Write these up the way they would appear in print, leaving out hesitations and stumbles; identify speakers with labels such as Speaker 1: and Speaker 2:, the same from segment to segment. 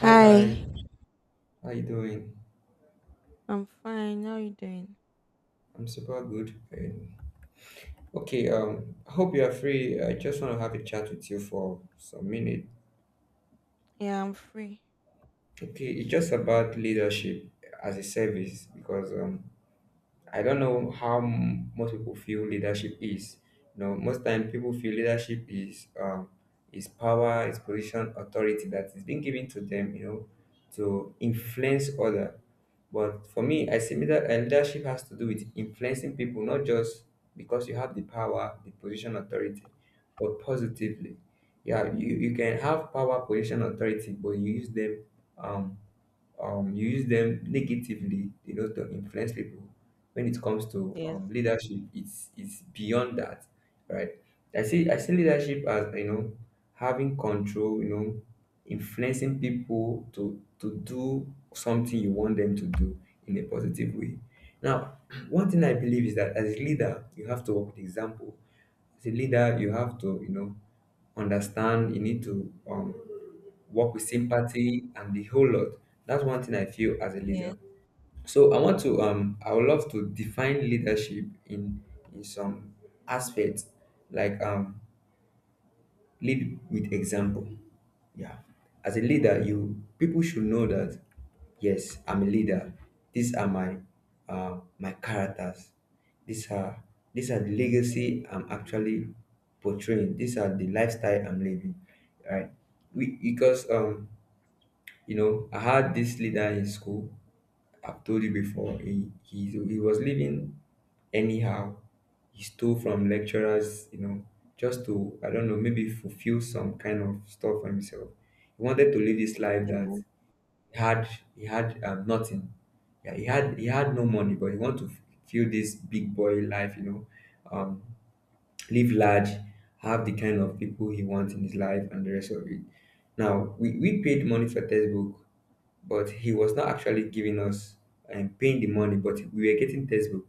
Speaker 1: Hi, hi. How you doing?
Speaker 2: I'm fine. How are you doing?
Speaker 1: I'm super good. Okay, I hope you are free. I just want to have a chat with you for some minute.
Speaker 2: Yeah, I'm free.
Speaker 1: Okay, it's just about leadership as a service because I don't know how most people feel leadership is. Most time people feel leadership is power, is position, authority that is being given to them, you know, to influence other. But for me, I see that leadership has to do with influencing people, not just because you have the power, the position, authority, but positively. Yeah, you can have power, position, authority, but um you use them negatively, you know, to influence people. When it comes to
Speaker 2: Yes,
Speaker 1: leadership, it's beyond that, right? I see leadership as, you know, having control, you know, influencing people to do something you want them to do in a positive way. Now one thing I believe is that as a leader you have to work with example. As a leader you have to, you know, understand you need to work with sympathy and the whole lot. That's one thing I feel as a
Speaker 2: yes,
Speaker 1: leader. So I want to I would love to define leadership in some aspects, like lead with example. Yeah. As a leader, you people should know that, yes, I'm a leader. These are my my characters. These are these are the legacy I'm actually portraying. These are the lifestyle I'm living. Right. We Because you know, I had this leader in school. I've told you before. He was living anyhow. He stole from lecturers. You know, just to, I don't know, maybe fulfill some kind of stuff for himself. He wanted to live this life, that
Speaker 2: yes,
Speaker 1: he had he had nothing. Yeah, he had no money, but he wanted to feel this big boy life, you know, um, live large, have the kind of people he wants in his life, and the rest of it. Now, we paid money for textbook, but he was not actually giving us and paying the money, but we were getting textbook.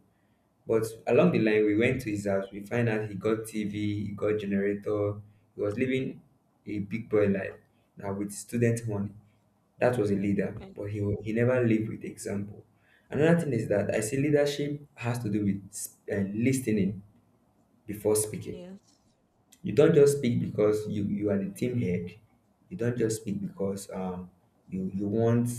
Speaker 1: But along the line, we went to his house. We find out he got TV, he got generator. He was living a big boy life now with student money. That was a leader,
Speaker 2: yes,
Speaker 1: but he never lived with example. Another thing is that I see leadership has to do with listening before speaking.
Speaker 2: yes,
Speaker 1: You don't just speak because you are the team head. You don't just speak because you you want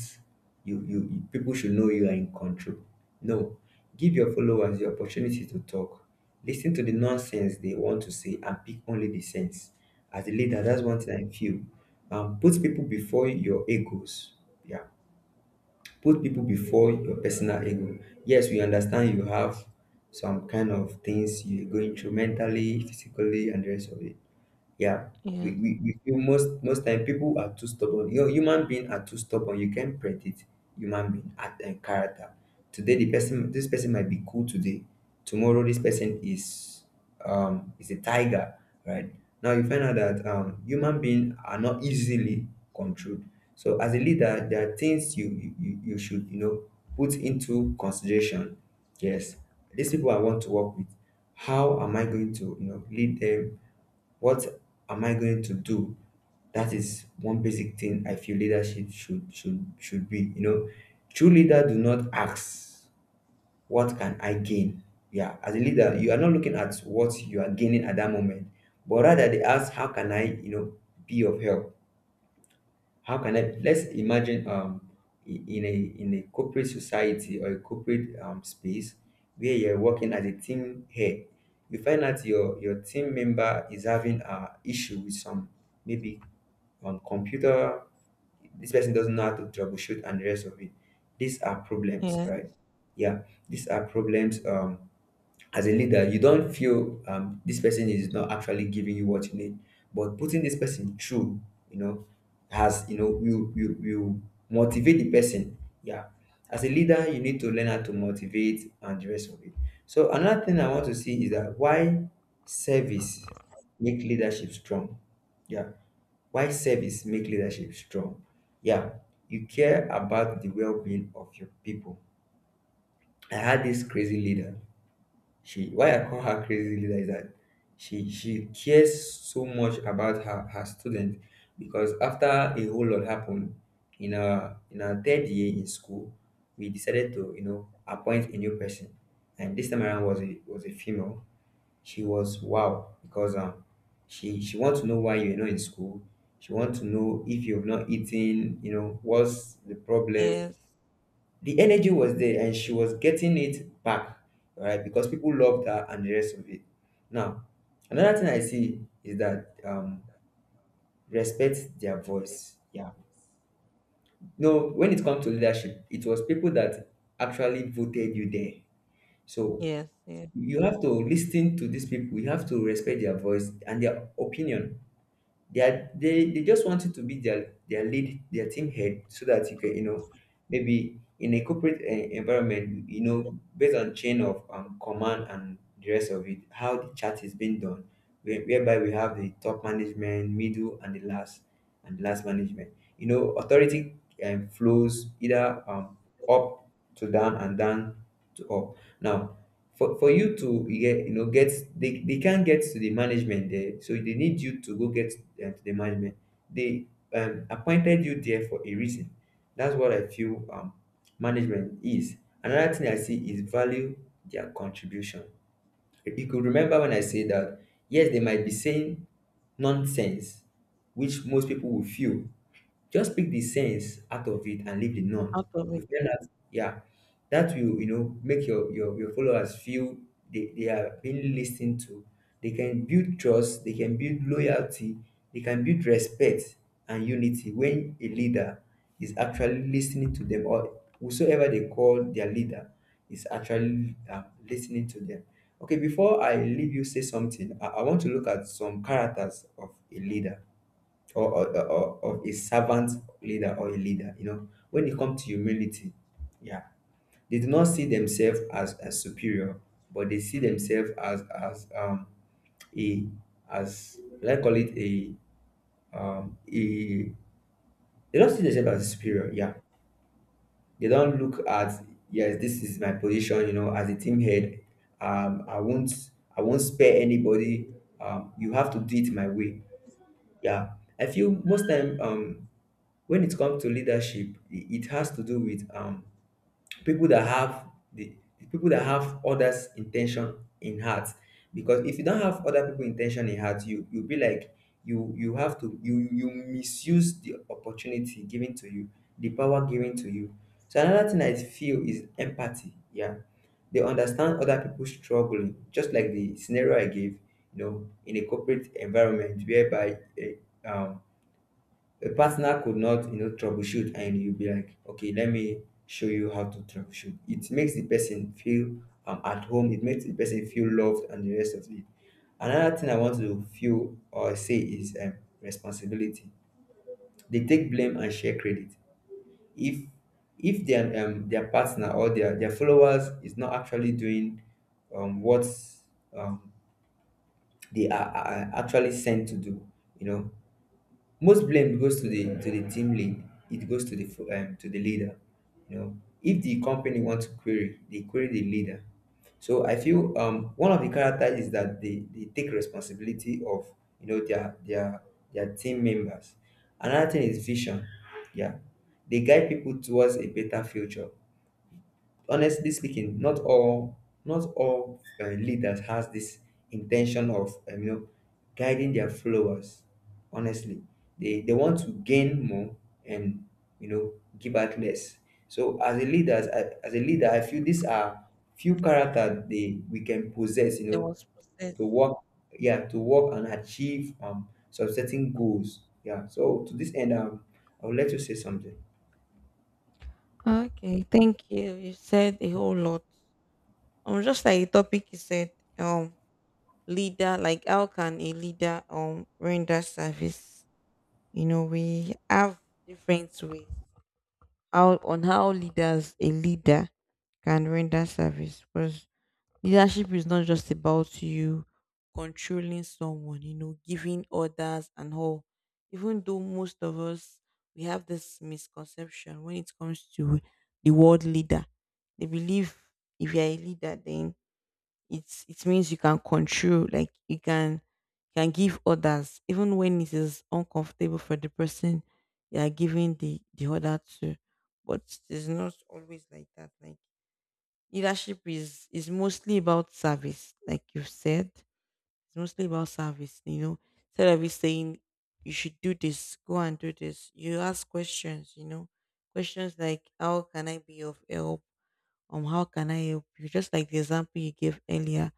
Speaker 1: people should know you are in control. No, give your followers the opportunity to talk. Listen to the nonsense they want to say and pick only the sense. As a leader, that's one thing I feel. Put people before your egos. Yeah, put people before your personal ego. Yes, we understand you have some kind of things you're going through mentally, physically, and the rest of it. Yeah,
Speaker 2: yes,
Speaker 1: we feel most most time people are too stubborn. You know, human being are too stubborn. You can't predict human being at and character. Today, the person this person might be cool today. Tomorrow, this person is a tiger, right? Now you find out that human beings are not easily controlled. So as a leader, there are things you should, you know, put into consideration. Yes, these people I want to work with. How am I going to, you know, lead them? What am I going to do? That is one basic thing I feel leadership should be. You know, true leader do not ask what can I gain. Yeah, as a leader, you are not looking at what you are gaining at that moment, but rather they ask how can I, you know, be of help. How can I, let's imagine in a corporate society or a corporate space where you're working as a team head, you find out your team member is having a issue with some, maybe, on computer, this person doesn't know how to troubleshoot and the rest of it. These are problems,
Speaker 2: yes,
Speaker 1: right? Yeah, these are problems. As a leader, you don't feel, this person is not actually giving you what you need, but putting this person through, you know, has, you know, will motivate the person. Yeah, as a leader, you need to learn how to motivate and the rest of it. So another thing I want to see is that why service make leadership strong. Yeah, why service make leadership strong. Yeah, you care about the well-being of your people. I had this crazy leader. She, why I call her crazy leader is that she cares so much about her her student. Because after a whole lot happened in our third year in school, we decided to, you know, appoint a new person, and this time around was a female. She was wow, because she wants to know why you're not in school. She wants to know if you've not eaten, you know, what's the problem.
Speaker 2: yes,
Speaker 1: The energy was there and she was getting it back, all right, because people loved her and the rest of it. Now, another thing I see is that, respect their voice. Yeah. No, when it comes to leadership, it was people that actually voted you there. So
Speaker 2: yes, yes.
Speaker 1: you have to listen to these people, you have to respect their voice and their opinion. They are, they just want you to be their lead, their team head, so that you can, you know, maybe in a corporate eh, environment, you know, based on chain of, command and the rest of it, how the chat is being done, whereby we have the top management, middle, and the last management. You know, authority, flows either up to down and down to up. Now, for you to get, you know, get, they can't get to the management there, so they need you to go get to the management. They, appointed you there for a reason. That's what I feel management is. Another thing I see is value their contribution. You could remember when I say that yes they might be saying nonsense, which most people will feel, just pick the sense out of it and leave the none.
Speaker 2: Out of
Speaker 1: You
Speaker 2: it,
Speaker 1: find that, yeah, that will, you know, make your your followers feel they are being listened to. They can build trust, they can build loyalty, they can build respect and unity when a leader is actually listening to them, or whosoever they call their leader is actually listening to them. Okay, before I leave you say something, I want to look at some characters of a leader, or a servant leader or a leader, you know. When it comes to humility, yeah, they do not see themselves as superior, but they see themselves as a, as let's call it a, a, they don't see themselves as superior, yeah. They don't look at, yes, this is my position, you know, as a team head. I won't, I won't spare anybody. You have to do it my way. Yeah. I feel most time, when it comes to leadership, it has to do with, people that have the, the people that have others' intention in heart. Because if you don't have other people' intention in heart, you you'll be like, you have to, you misuse the opportunity given to you, the power given to you. So another thing I feel is empathy. Yeah, they understand other people struggling, just like the scenario I gave. You know, in a corporate environment whereby eh, um, a partner could not, you know, troubleshoot, and you'll be like, okay, let me show you how to troubleshoot. It makes the person feel, at home, it makes the person feel loved and the rest of it. Another thing I want to feel or say is, responsibility. They take blame and share credit. If their, their partner or their followers is not actually doing, what, um, they are actually sent to do, you know, most blame goes to the team lead. It goes to the to the leader. You know, if the company wants to query, they query the leader. So I feel, one of the characters is that they take responsibility of, you know, their team members. Another thing is vision. Yeah, they guide people towards a better future. Honestly speaking, not all, leaders has this intention of guiding their followers. Honestly, they want to gain more, and you know, give out less. So as a leader, as a leader, I feel these are few characters they we can possess you
Speaker 2: there
Speaker 1: know
Speaker 2: was process.
Speaker 1: to work. Yeah, to work and achieve some certain goals. Yeah, so to this end, I would like to say something.
Speaker 2: Okay, thank you. You said a whole lot. Just like the topic you said, um, leader. Like, how can a leader render service? You know, we have different ways how on how leaders a leader can render service. Because leadership is not just about you controlling someone, you know, giving orders and all. Even though most of us we have this misconception when it comes to the word leader. They believe if you're a leader then it means you can control, like you can give orders, even when it is uncomfortable for the person you are giving the order to. But it's not always like that. Like leadership is mostly about service, like you've said. It's mostly about service, you know. Instead of you saying you should do this, go and do this. You ask questions, you know. Questions like how can I be of help? How can I help you? Just like the example you gave earlier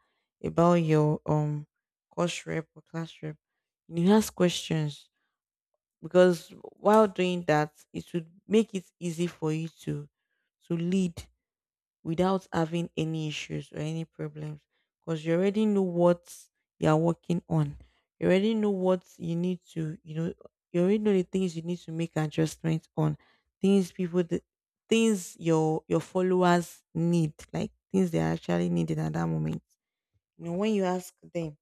Speaker 2: about your course rep or class rep. You ask questions because while doing that it would make it easy for you to lead without having any issues or any problems because you already know what you're working on. You already know what you need to, you know, you already know the things you need to make adjustments on, things people, the things your followers need, like things they are actually needing at that moment. You know, when you ask them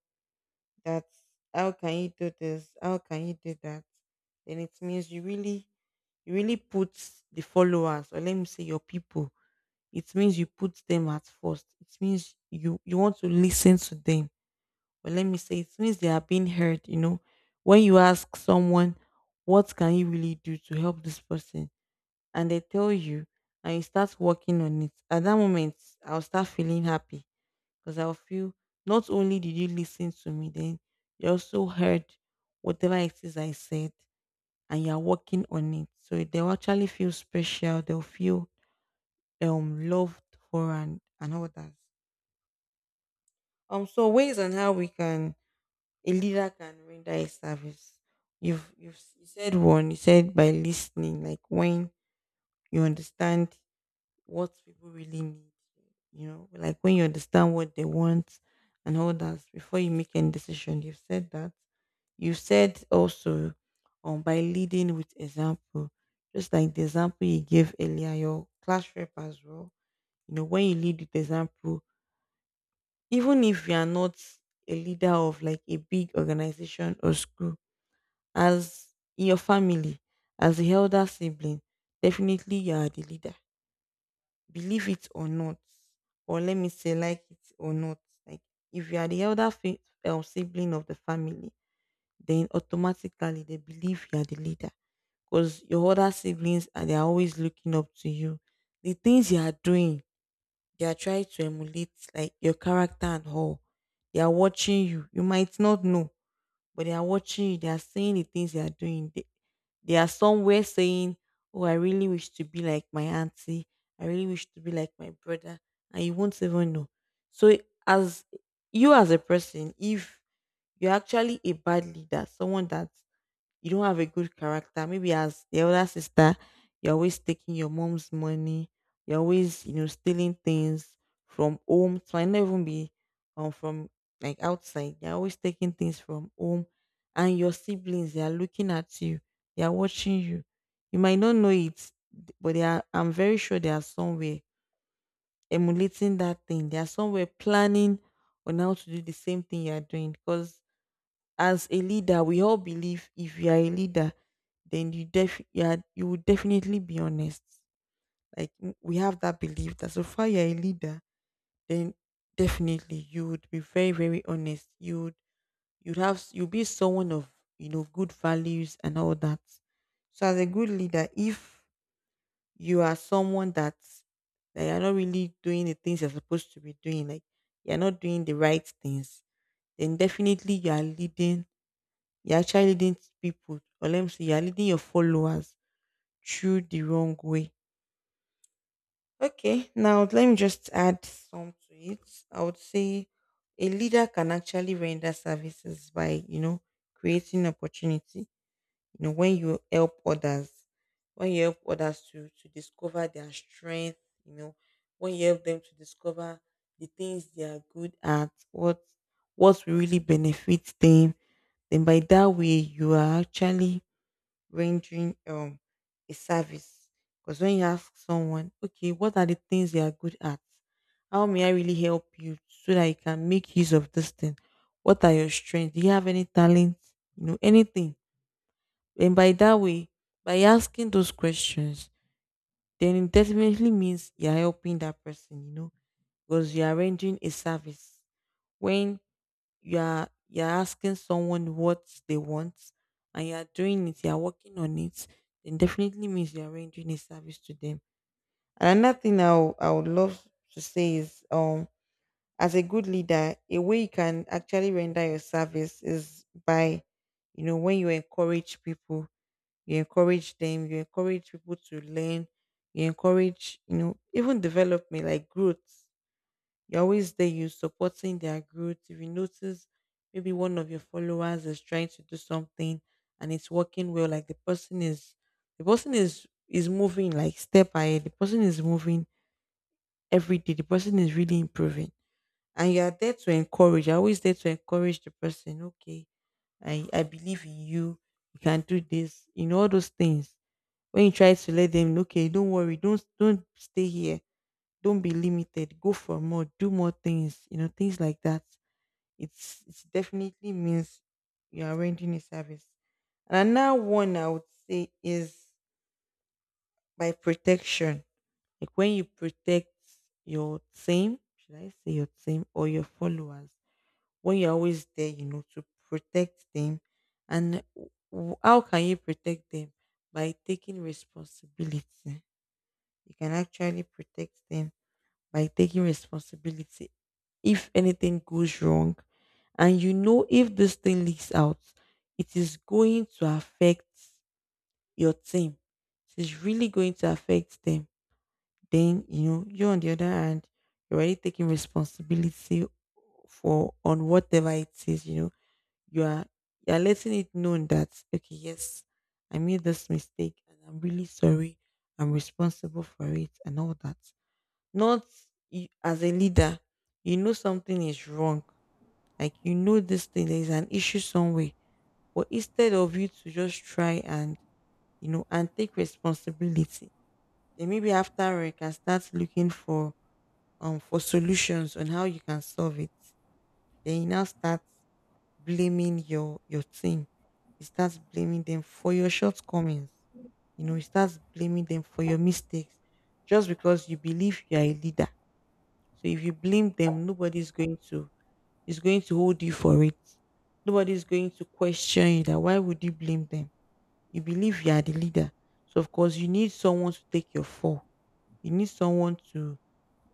Speaker 2: that how can you do this, how can you do that, then it means you really put the followers or let me say your people it means you put them at first. It means you you want to listen to them. But let me say, it means they are being heard. You know, when you ask someone, what can you really do to help this person, and they tell you, and you start working on it. At that moment, I'll start feeling happy because I'll feel not only did you listen to me, then you also heard whatever it is I said, and you're working on it. So they'll actually feel special. They'll feel loved for and others. So ways on how we can a leader can render a service. You've you said one. You said by listening, like when you understand what people really need. You know, like when you understand what they want and all that before you make any decision. You've said that. You said also, by leading with example, just like the example you gave earlier, your class rep as well. You know, when you lead with example, even if you are not a leader of like a big organization or school, as in your family, as the elder sibling, definitely you are the leader. Believe it or not, or let me say, like it or not. Like, if you are the elder sibling of the family, then automatically they believe you are the leader because your other siblings are they are always looking up to you. The things you are doing they are trying to emulate like your character and all. They are watching you. You might not know, but they are watching you. They are saying the things they are doing. They are somewhere saying, oh, I really wish to be like my auntie. I really wish to be like my brother. And you won't even know. So, as you as a person, if you're actually a bad leader, someone that you don't have a good character. Maybe as the older sister, you're always taking your mom's money. You're always, you know, stealing things from home. So I never even be from like outside. You're always taking things from home. And your siblings, they are looking at you. They are watching you. You might not know it, but they are I'm very sure they are somewhere emulating that thing. They are somewhere planning on how to do the same thing you are doing. Because as a leader we all believe if you are a leader then you def you are you will definitely be honest like we have that belief that so far you're a leader then definitely you would be very very honest you would you'll be someone of you know good values and all that so as a good leader if you are someone that you're not really doing the things you're supposed to be doing like you're not doing the right things then definitely you are leading you're actually leading people, or let me say, you're leading your followers through the wrong way. Okay, now let me just add some to it. I would say a leader can actually render services by, you know, creating opportunity. You know, when you help others, when you help others to discover their strength, you know, when you help them to discover the things they are good at, what will really benefit them, then by that way you are actually rendering a service. Because when you ask someone, okay, what are the things they are good at? How may I really help you so that you can make use of this thing? What are your strengths? Do you have any talent? You know, anything. And by that way, by asking those questions, then it definitely means you're helping that person, you know, because you are rendering a service. When you're asking someone what they want and you're doing it, you're working on it, then definitely means you're rendering a service to them. And another thing I would love to say is as a good leader, a way you can actually render your service is by, you know, when you encourage people, you encourage them, you encourage people to learn, you encourage, you know, even development like growth. You're always there, you supporting their growth. If you notice maybe one of your followers is trying to do something and it's working well, like the person is moving like step ahead, the person is moving every day, the person is really improving. And you are there to encourage. You're always there to encourage the person. Okay, I believe in you. You can do this. You know all those things. When you try to let them, okay, don't worry, don't stay here, don't be limited, go for more, do more things, you know, things like that. It's it definitely means you are rendering a service. And another one I would say is by protection, like when you protect your team, should I say your team or your followers, when you're always there, you know, to protect them. And w- how can you protect them? By taking responsibility you can actually protect them. By taking responsibility, if anything goes wrong and you know if this thing leaks out it is going to affect your team, it is really going to affect them, then you know you on the other hand, you're already taking responsibility for on whatever it is, you know, you are, you are letting it known that okay, yes, I made this mistake and I'm really sorry. I'm responsible for it and all that. Not you, as a leader, you know something is wrong. Like you know this thing, there is an issue somewhere. But instead of you to just try and you know and take responsibility, then maybe after you can start looking for solutions on how you can solve it. Then you now start blaming your team. You start blaming them for your shortcomings. You know, you start blaming them for your mistakes just because you believe you are a leader, so if you blame them, nobody's going to is going to hold you for it. Nobody's going to question you that why would you blame them? You believe you are the leader. So of course you need someone to take your fall. You need someone to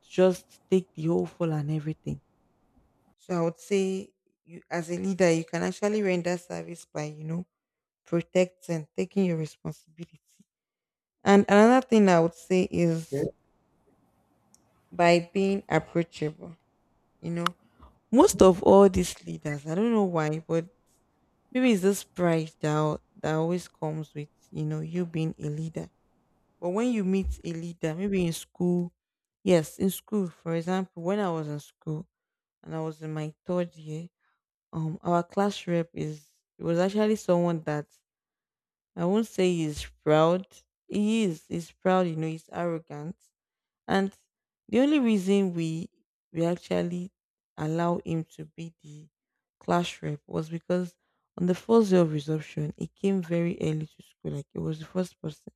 Speaker 2: just take the whole fall and everything. So I would say you as a leader you can actually render service by, you know, protecting, taking your responsibility. And another thing I would say
Speaker 1: Okay.
Speaker 2: is by being approachable. you know Most of all these leaders, I don't know why, but maybe it's this pride that always comes with, you being a leader. But when you meet a leader, maybe in school, yes, in school, for example, when I was in school and I was in my third year, our class rep is it was actually someone that I won't say he's proud, he's proud, he's arrogant. And the only reason we actually allow him to be the class rep was because on the first day of resumption, he came very early to school, like it was the first person.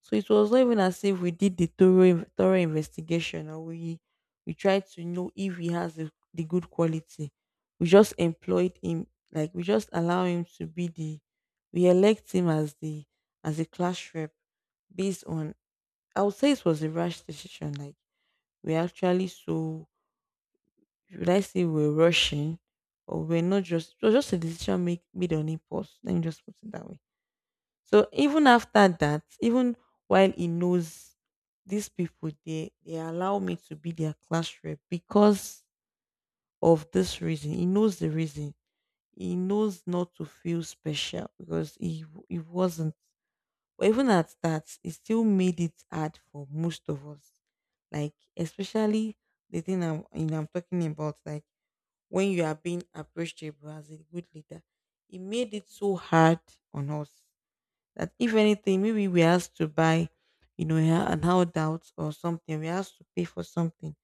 Speaker 2: So it was not even as if we did the thorough investigation, or we tried to know if he has the good quality. We just employed him, like we just allow him to be the we elect him as the as a class rep based on, I would say it was a rash decision. Like, we're actually so, should I say, we're rushing, or we're not, just it was just a decision make made on impulse. Let me just put it that way. So even after that, even while he knows, these people they allow me to be their class rep because of this reason. He knows the reason. He knows not to feel special because he wasn't. But even at that, it still made it hard for most of us. Like, especially the thing I'm, I'm talking about, like when you are being approachable as a good leader, it made it so hard on us that if anything, maybe we asked to buy, an handout or something, we asked to pay for something,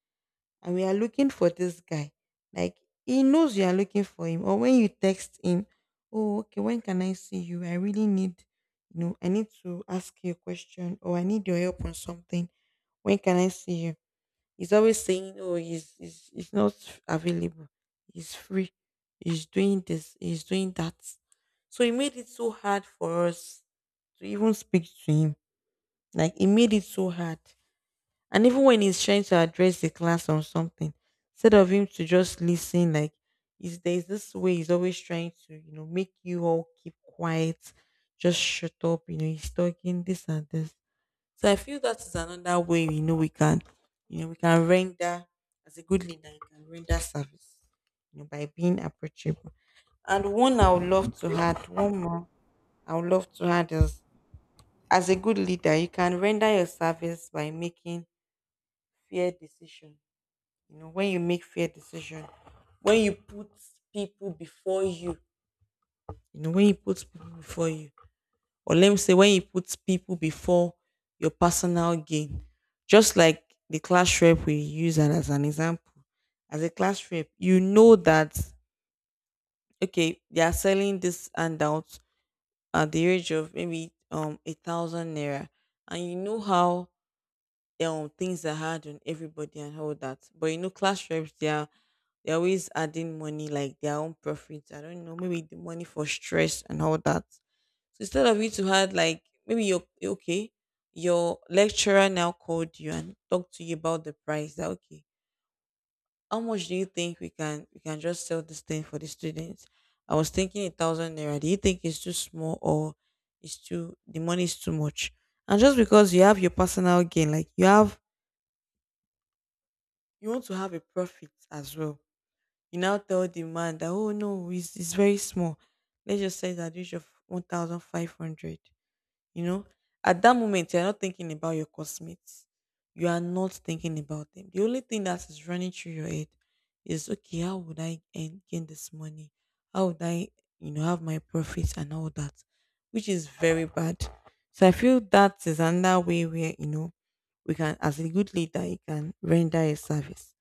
Speaker 2: and we are looking for this guy. Like, he knows you are looking for him. Or when you text him, oh, okay, when can I see you? I really need, I need to ask you a question, or I need your help on something. When can I see you? He's always saying, oh, he's not available. He's free. He's doing this. He's doing that. So it made it so hard for us to even speak to him. Like, it made it so hard. And even when he's trying to address the class on something, instead of him to just listen, like is there's this way he's always trying to, make you all keep quiet, just shut up, he's talking this and this. So I feel that is another way, we can render as a good leader, you can render service, by being approachable. And one more I would love to add is, as a good leader, you can render your service by making fair decisions. You know when you make fair decision, when you put people before you, you know when you put people before you, or let me say when you put people before your personal gain. Just like the class rep we use and as an example, as a class rep, you know that okay, they are selling this handout at the age of maybe 1,000 naira. And you know how things are hard on everybody and all that. But you know, class reps, they're always adding money like their own profits. I don't know, maybe the money for stress and all that. So instead of you to add, like maybe you're okay, your lecturer now called you and talked to you about the price. That okay, how much do you think we can just sell this thing for the students? I was thinking 1,000 naira. Do you think it's too small, or it's too the money is too much? And just because you have your personal gain, like you want to have a profit as well. You now tell the man that, oh no, it's very small. Let's just say that average of 1,500. You know, at that moment, you're not thinking about your cosmates. You are not thinking about them. The only thing that is running through your head is, okay, how would I gain this money? How would I, have my profits and all that, which is very bad. So I feel that is another way where, we can, as a good leader, you can render a service.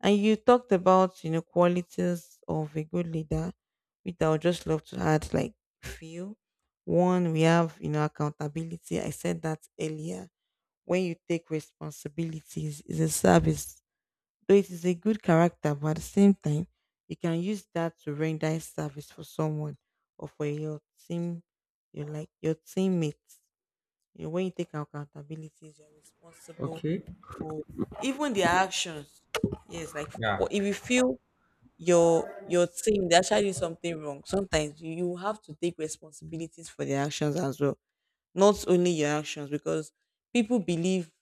Speaker 2: And you talked about, qualities of a good leader, which I would just love to add, like feel one, we have, accountability. I said that earlier. When you take responsibilities, is a service. Though it is a good character, but at the same time, you can use that to render a service for someone, or for your team, your like your teammates. You know, when you take accountabilities, you're responsible
Speaker 1: Okay.
Speaker 2: for even their actions. Yes, like
Speaker 1: Yeah.
Speaker 2: if you feel your team, they actually did something wrong. Sometimes you have to take responsibilities for their actions as well, not only your actions, because people believe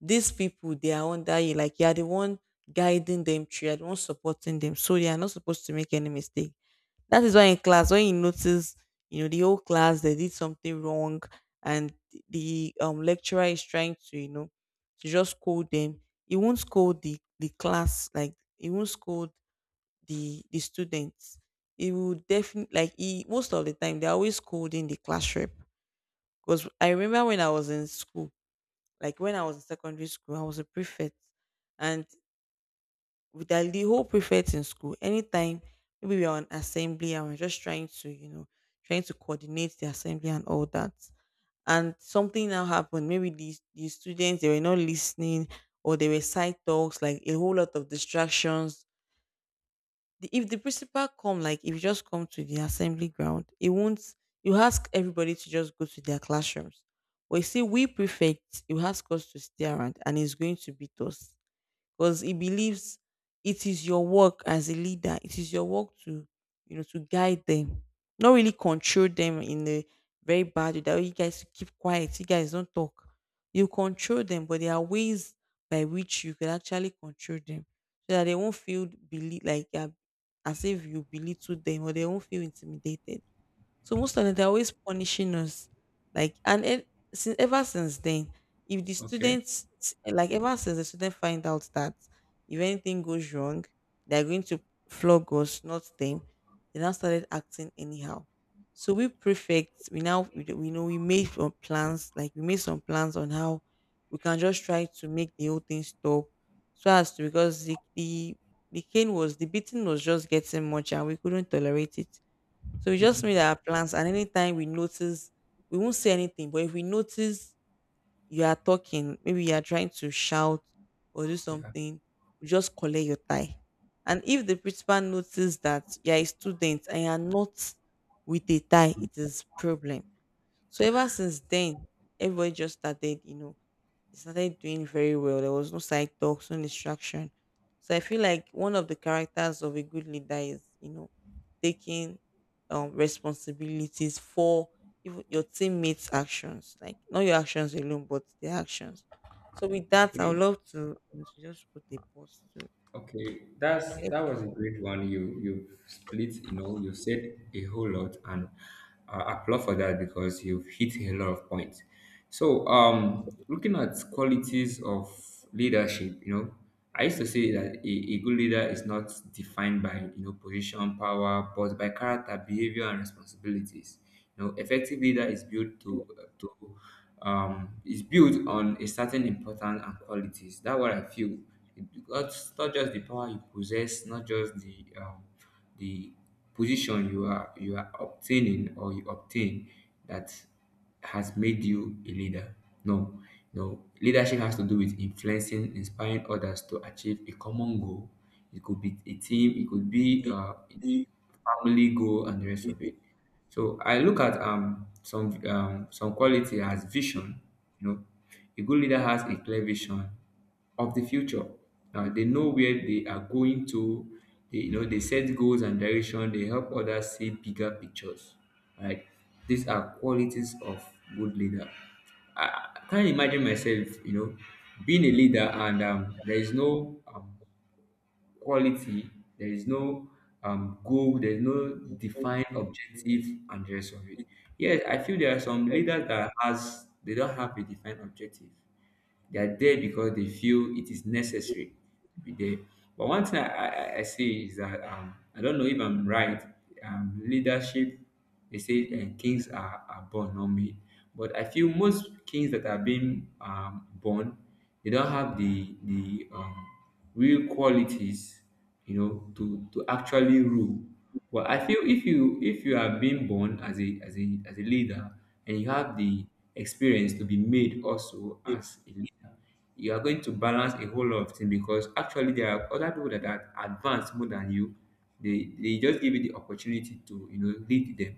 Speaker 2: these people, they are under you, like you are the one guiding them through, you are the one supporting them, so they are not supposed to make any mistake. That is why in class, when you notice, you know the whole class, they did something wrong, and the lecturer is trying to, to just scold them. He won't scold the class, like he won't scold the students. He will definitely, like he, most of the time, they're always scolding the class rep. Because I remember when I was in school, like when I was in secondary school, I was a prefect. And with the whole prefect in school, anytime maybe we are on assembly and we're just trying to, trying to coordinate the assembly and all that. And something now happened. Maybe these, the students, they were not listening, or they were side talks, like a whole lot of distractions. The, if the principal come, like if you just come to the assembly ground, it won't, you ask everybody to just go to their classrooms, but you see, we prefects, you ask us to stay around, and it's going to beat us. Because he believes it is your work as a leader. It is your work to, to guide them, not really control them in a very bad way. That "Oh, you guys keep quiet, you guys don't talk." You control them, but there are ways by which you can actually control them so that they won't feel believe like as if you belittle them, or they won't feel intimidated. So most of them, they're always punishing us. Like, and it, since ever since then, if the
Speaker 1: Okay.
Speaker 2: students, like ever since the students find out that if anything goes wrong, they're going to flog us, not them. They now started acting anyhow. So we prefects, we now we, we know we made some plans, like we made some plans on how we can just try to make the whole thing stop. So as to, because the the cane was, the beating was just getting much, and we couldn't tolerate it. So we just made our plans, and anytime we notice, we won't say anything. But if we notice you are talking, maybe you are trying to shout or do something, we just collect your tie. And if the principal notices that you are a student and you are not with a tie, it is problem. So ever since then, everybody just started, they started doing very well. There was no side talks, no distraction. So I feel like one of the characters of a good leader is, taking responsibilities for even your teammates' actions, like not your actions alone, but their actions. So with that, I would love to just put a pause to
Speaker 1: Okay, that's,
Speaker 2: and let
Speaker 1: that
Speaker 2: you
Speaker 1: was a
Speaker 2: have.
Speaker 1: great one. You split, you know, you said a whole lot, and applaud for that because you've hit a lot of points. So, looking at qualities of leadership, you know, I used to say that a good leader is not defined by, you know, position, power, but by character, behavior, and responsibilities. You know, effective leader is built to is built on a certain importance and qualities. That's what I feel. It's not just the power you possess, not just the position you are obtaining, or you obtain, that has made you a leader. No, no. Leadership has to do with influencing, inspiring others to achieve a common goal. It could be a team. It could be family goal and the rest of it. So I look at some quality as vision. You know, a good leader has a clear vision of the future. They know where they are going to. They, you know, they set goals and direction. They help others see bigger pictures. Right? These are qualities of good leader. I can't imagine myself, you know, being a leader, and there is no quality. There is no goal. There is no defined objective, and the rest of it. Yes, I feel there are some leaders that has they don't have a defined objective. They are there because they feel it is necessary to be there. But one thing I see is that, I don't know if I'm right. Leadership, they say kings are born, not made. But I feel most kings that are being born, they don't have the real qualities, you know, to actually rule. But I feel if you are being born as a leader, and you have the experience to be made also as a leader, you are going to balance a whole lot of things, because actually there are other people that are advanced more than you. They just give you the opportunity to, you know, lead them.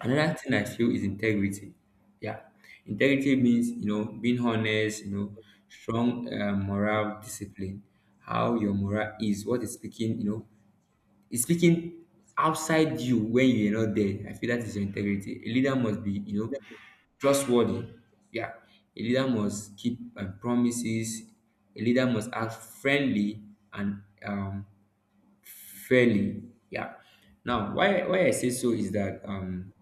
Speaker 1: Another thing I feel is integrity. Yeah, integrity means, you know, being honest. You know, strong moral discipline. How your moral is, what is speaking. You know, is speaking outside you when you are not there. I feel that is your integrity. A leader must be, you know, trustworthy. Yeah, a leader must keep promises. A leader must act friendly and fairly. Yeah. Now, why I say so is that, um,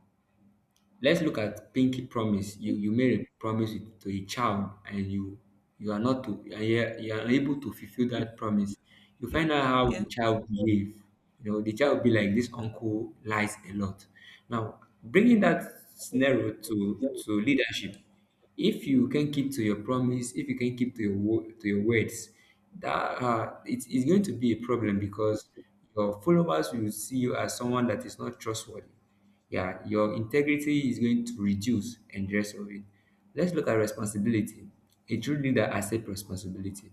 Speaker 1: let's look at pinky promise. You made a promise to a child, and you are not to and you are, you are unable to fulfill that promise. You find out how the
Speaker 2: Yes,
Speaker 1: child behave. You know, the child will be like, this uncle lies a lot. Now, bringing that scenario to leadership, if you can keep to your promise, if you can keep to your to your words, that, it's going to be a problem, because your followers will see you as someone that is not trustworthy. Yeah, your integrity is going to reduce, and the rest of it. Let's look at responsibility. A true leader accepts responsibility.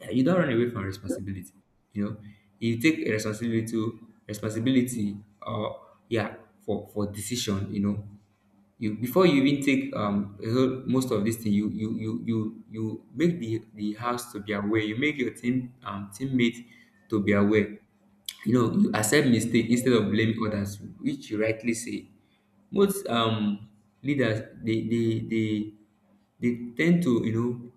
Speaker 1: Yeah, you don't run away from responsibility. You know, you take a responsibility to responsibility, or yeah, for decision. You know, you, before you even take a whole, most of this thing, you make the house to be aware. You make your team teammate to be aware. You know, you accept mistake instead of blaming others, which you rightly say. Most leaders they tend to, you know,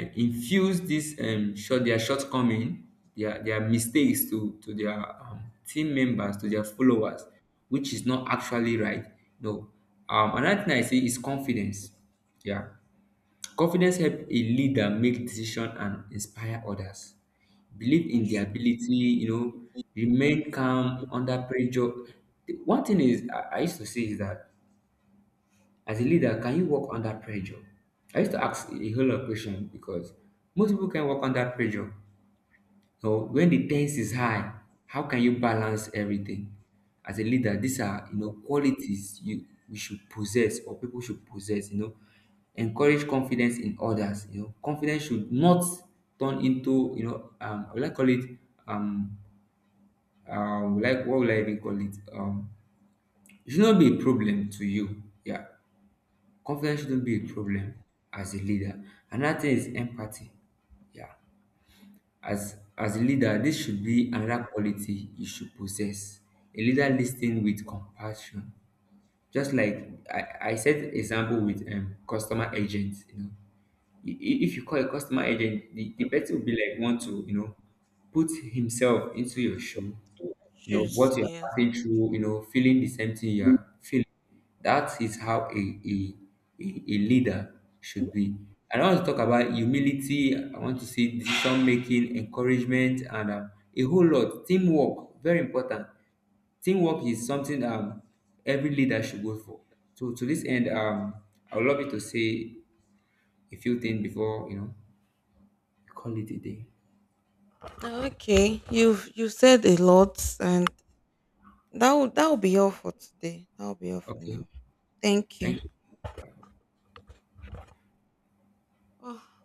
Speaker 1: infuse this, um, short their shortcoming, their mistakes to their, team members, to their followers, which is not actually right. No. Um, another thing I say is confidence. Yeah, confidence help a leader make decision and inspire others, believe in
Speaker 2: that's
Speaker 1: their
Speaker 2: true.
Speaker 1: ability, you know, remain calm under pressure. The one thing is, I used to say is that, as a leader, can you work under pressure? I used to ask a whole lot of questions because most people can work under pressure. So when the tense is high, how can you balance everything? As a leader, these are, you know, qualities you we should possess, or people should possess, you know. Encourage confidence in others, you know. Confidence should not turn into, you know, will I call it, um, um, like, what will I even call it? Um, it should not be a problem to you. Yeah. Confidence shouldn't be a
Speaker 2: I
Speaker 1: problem as a leader. Another thing is empathy. Yeah. As a leader, this should be another quality you should possess. A leader listening with compassion. Just like I said example with customer agents, you know. If you call a customer agent, the person will be like, want to, you know, put himself into your shoe, you know,
Speaker 2: choose.
Speaker 1: what you're
Speaker 2: Yes.
Speaker 1: passing through, you know, feeling the same thing you're feeling. That is
Speaker 2: Yes.
Speaker 1: how a leader should be. And I want to talk about humility. I want to see decision making, encouragement, and, a whole lot. Teamwork, very important. Teamwork is something, every leader should go for. So to this end, I would love you to say a few things before, you know, we call it a day.
Speaker 2: Okay, you said a lot, and that will be all for today. That will be all for
Speaker 1: Okay.
Speaker 2: now. Thank you.
Speaker 1: Thank you.
Speaker 2: Oh.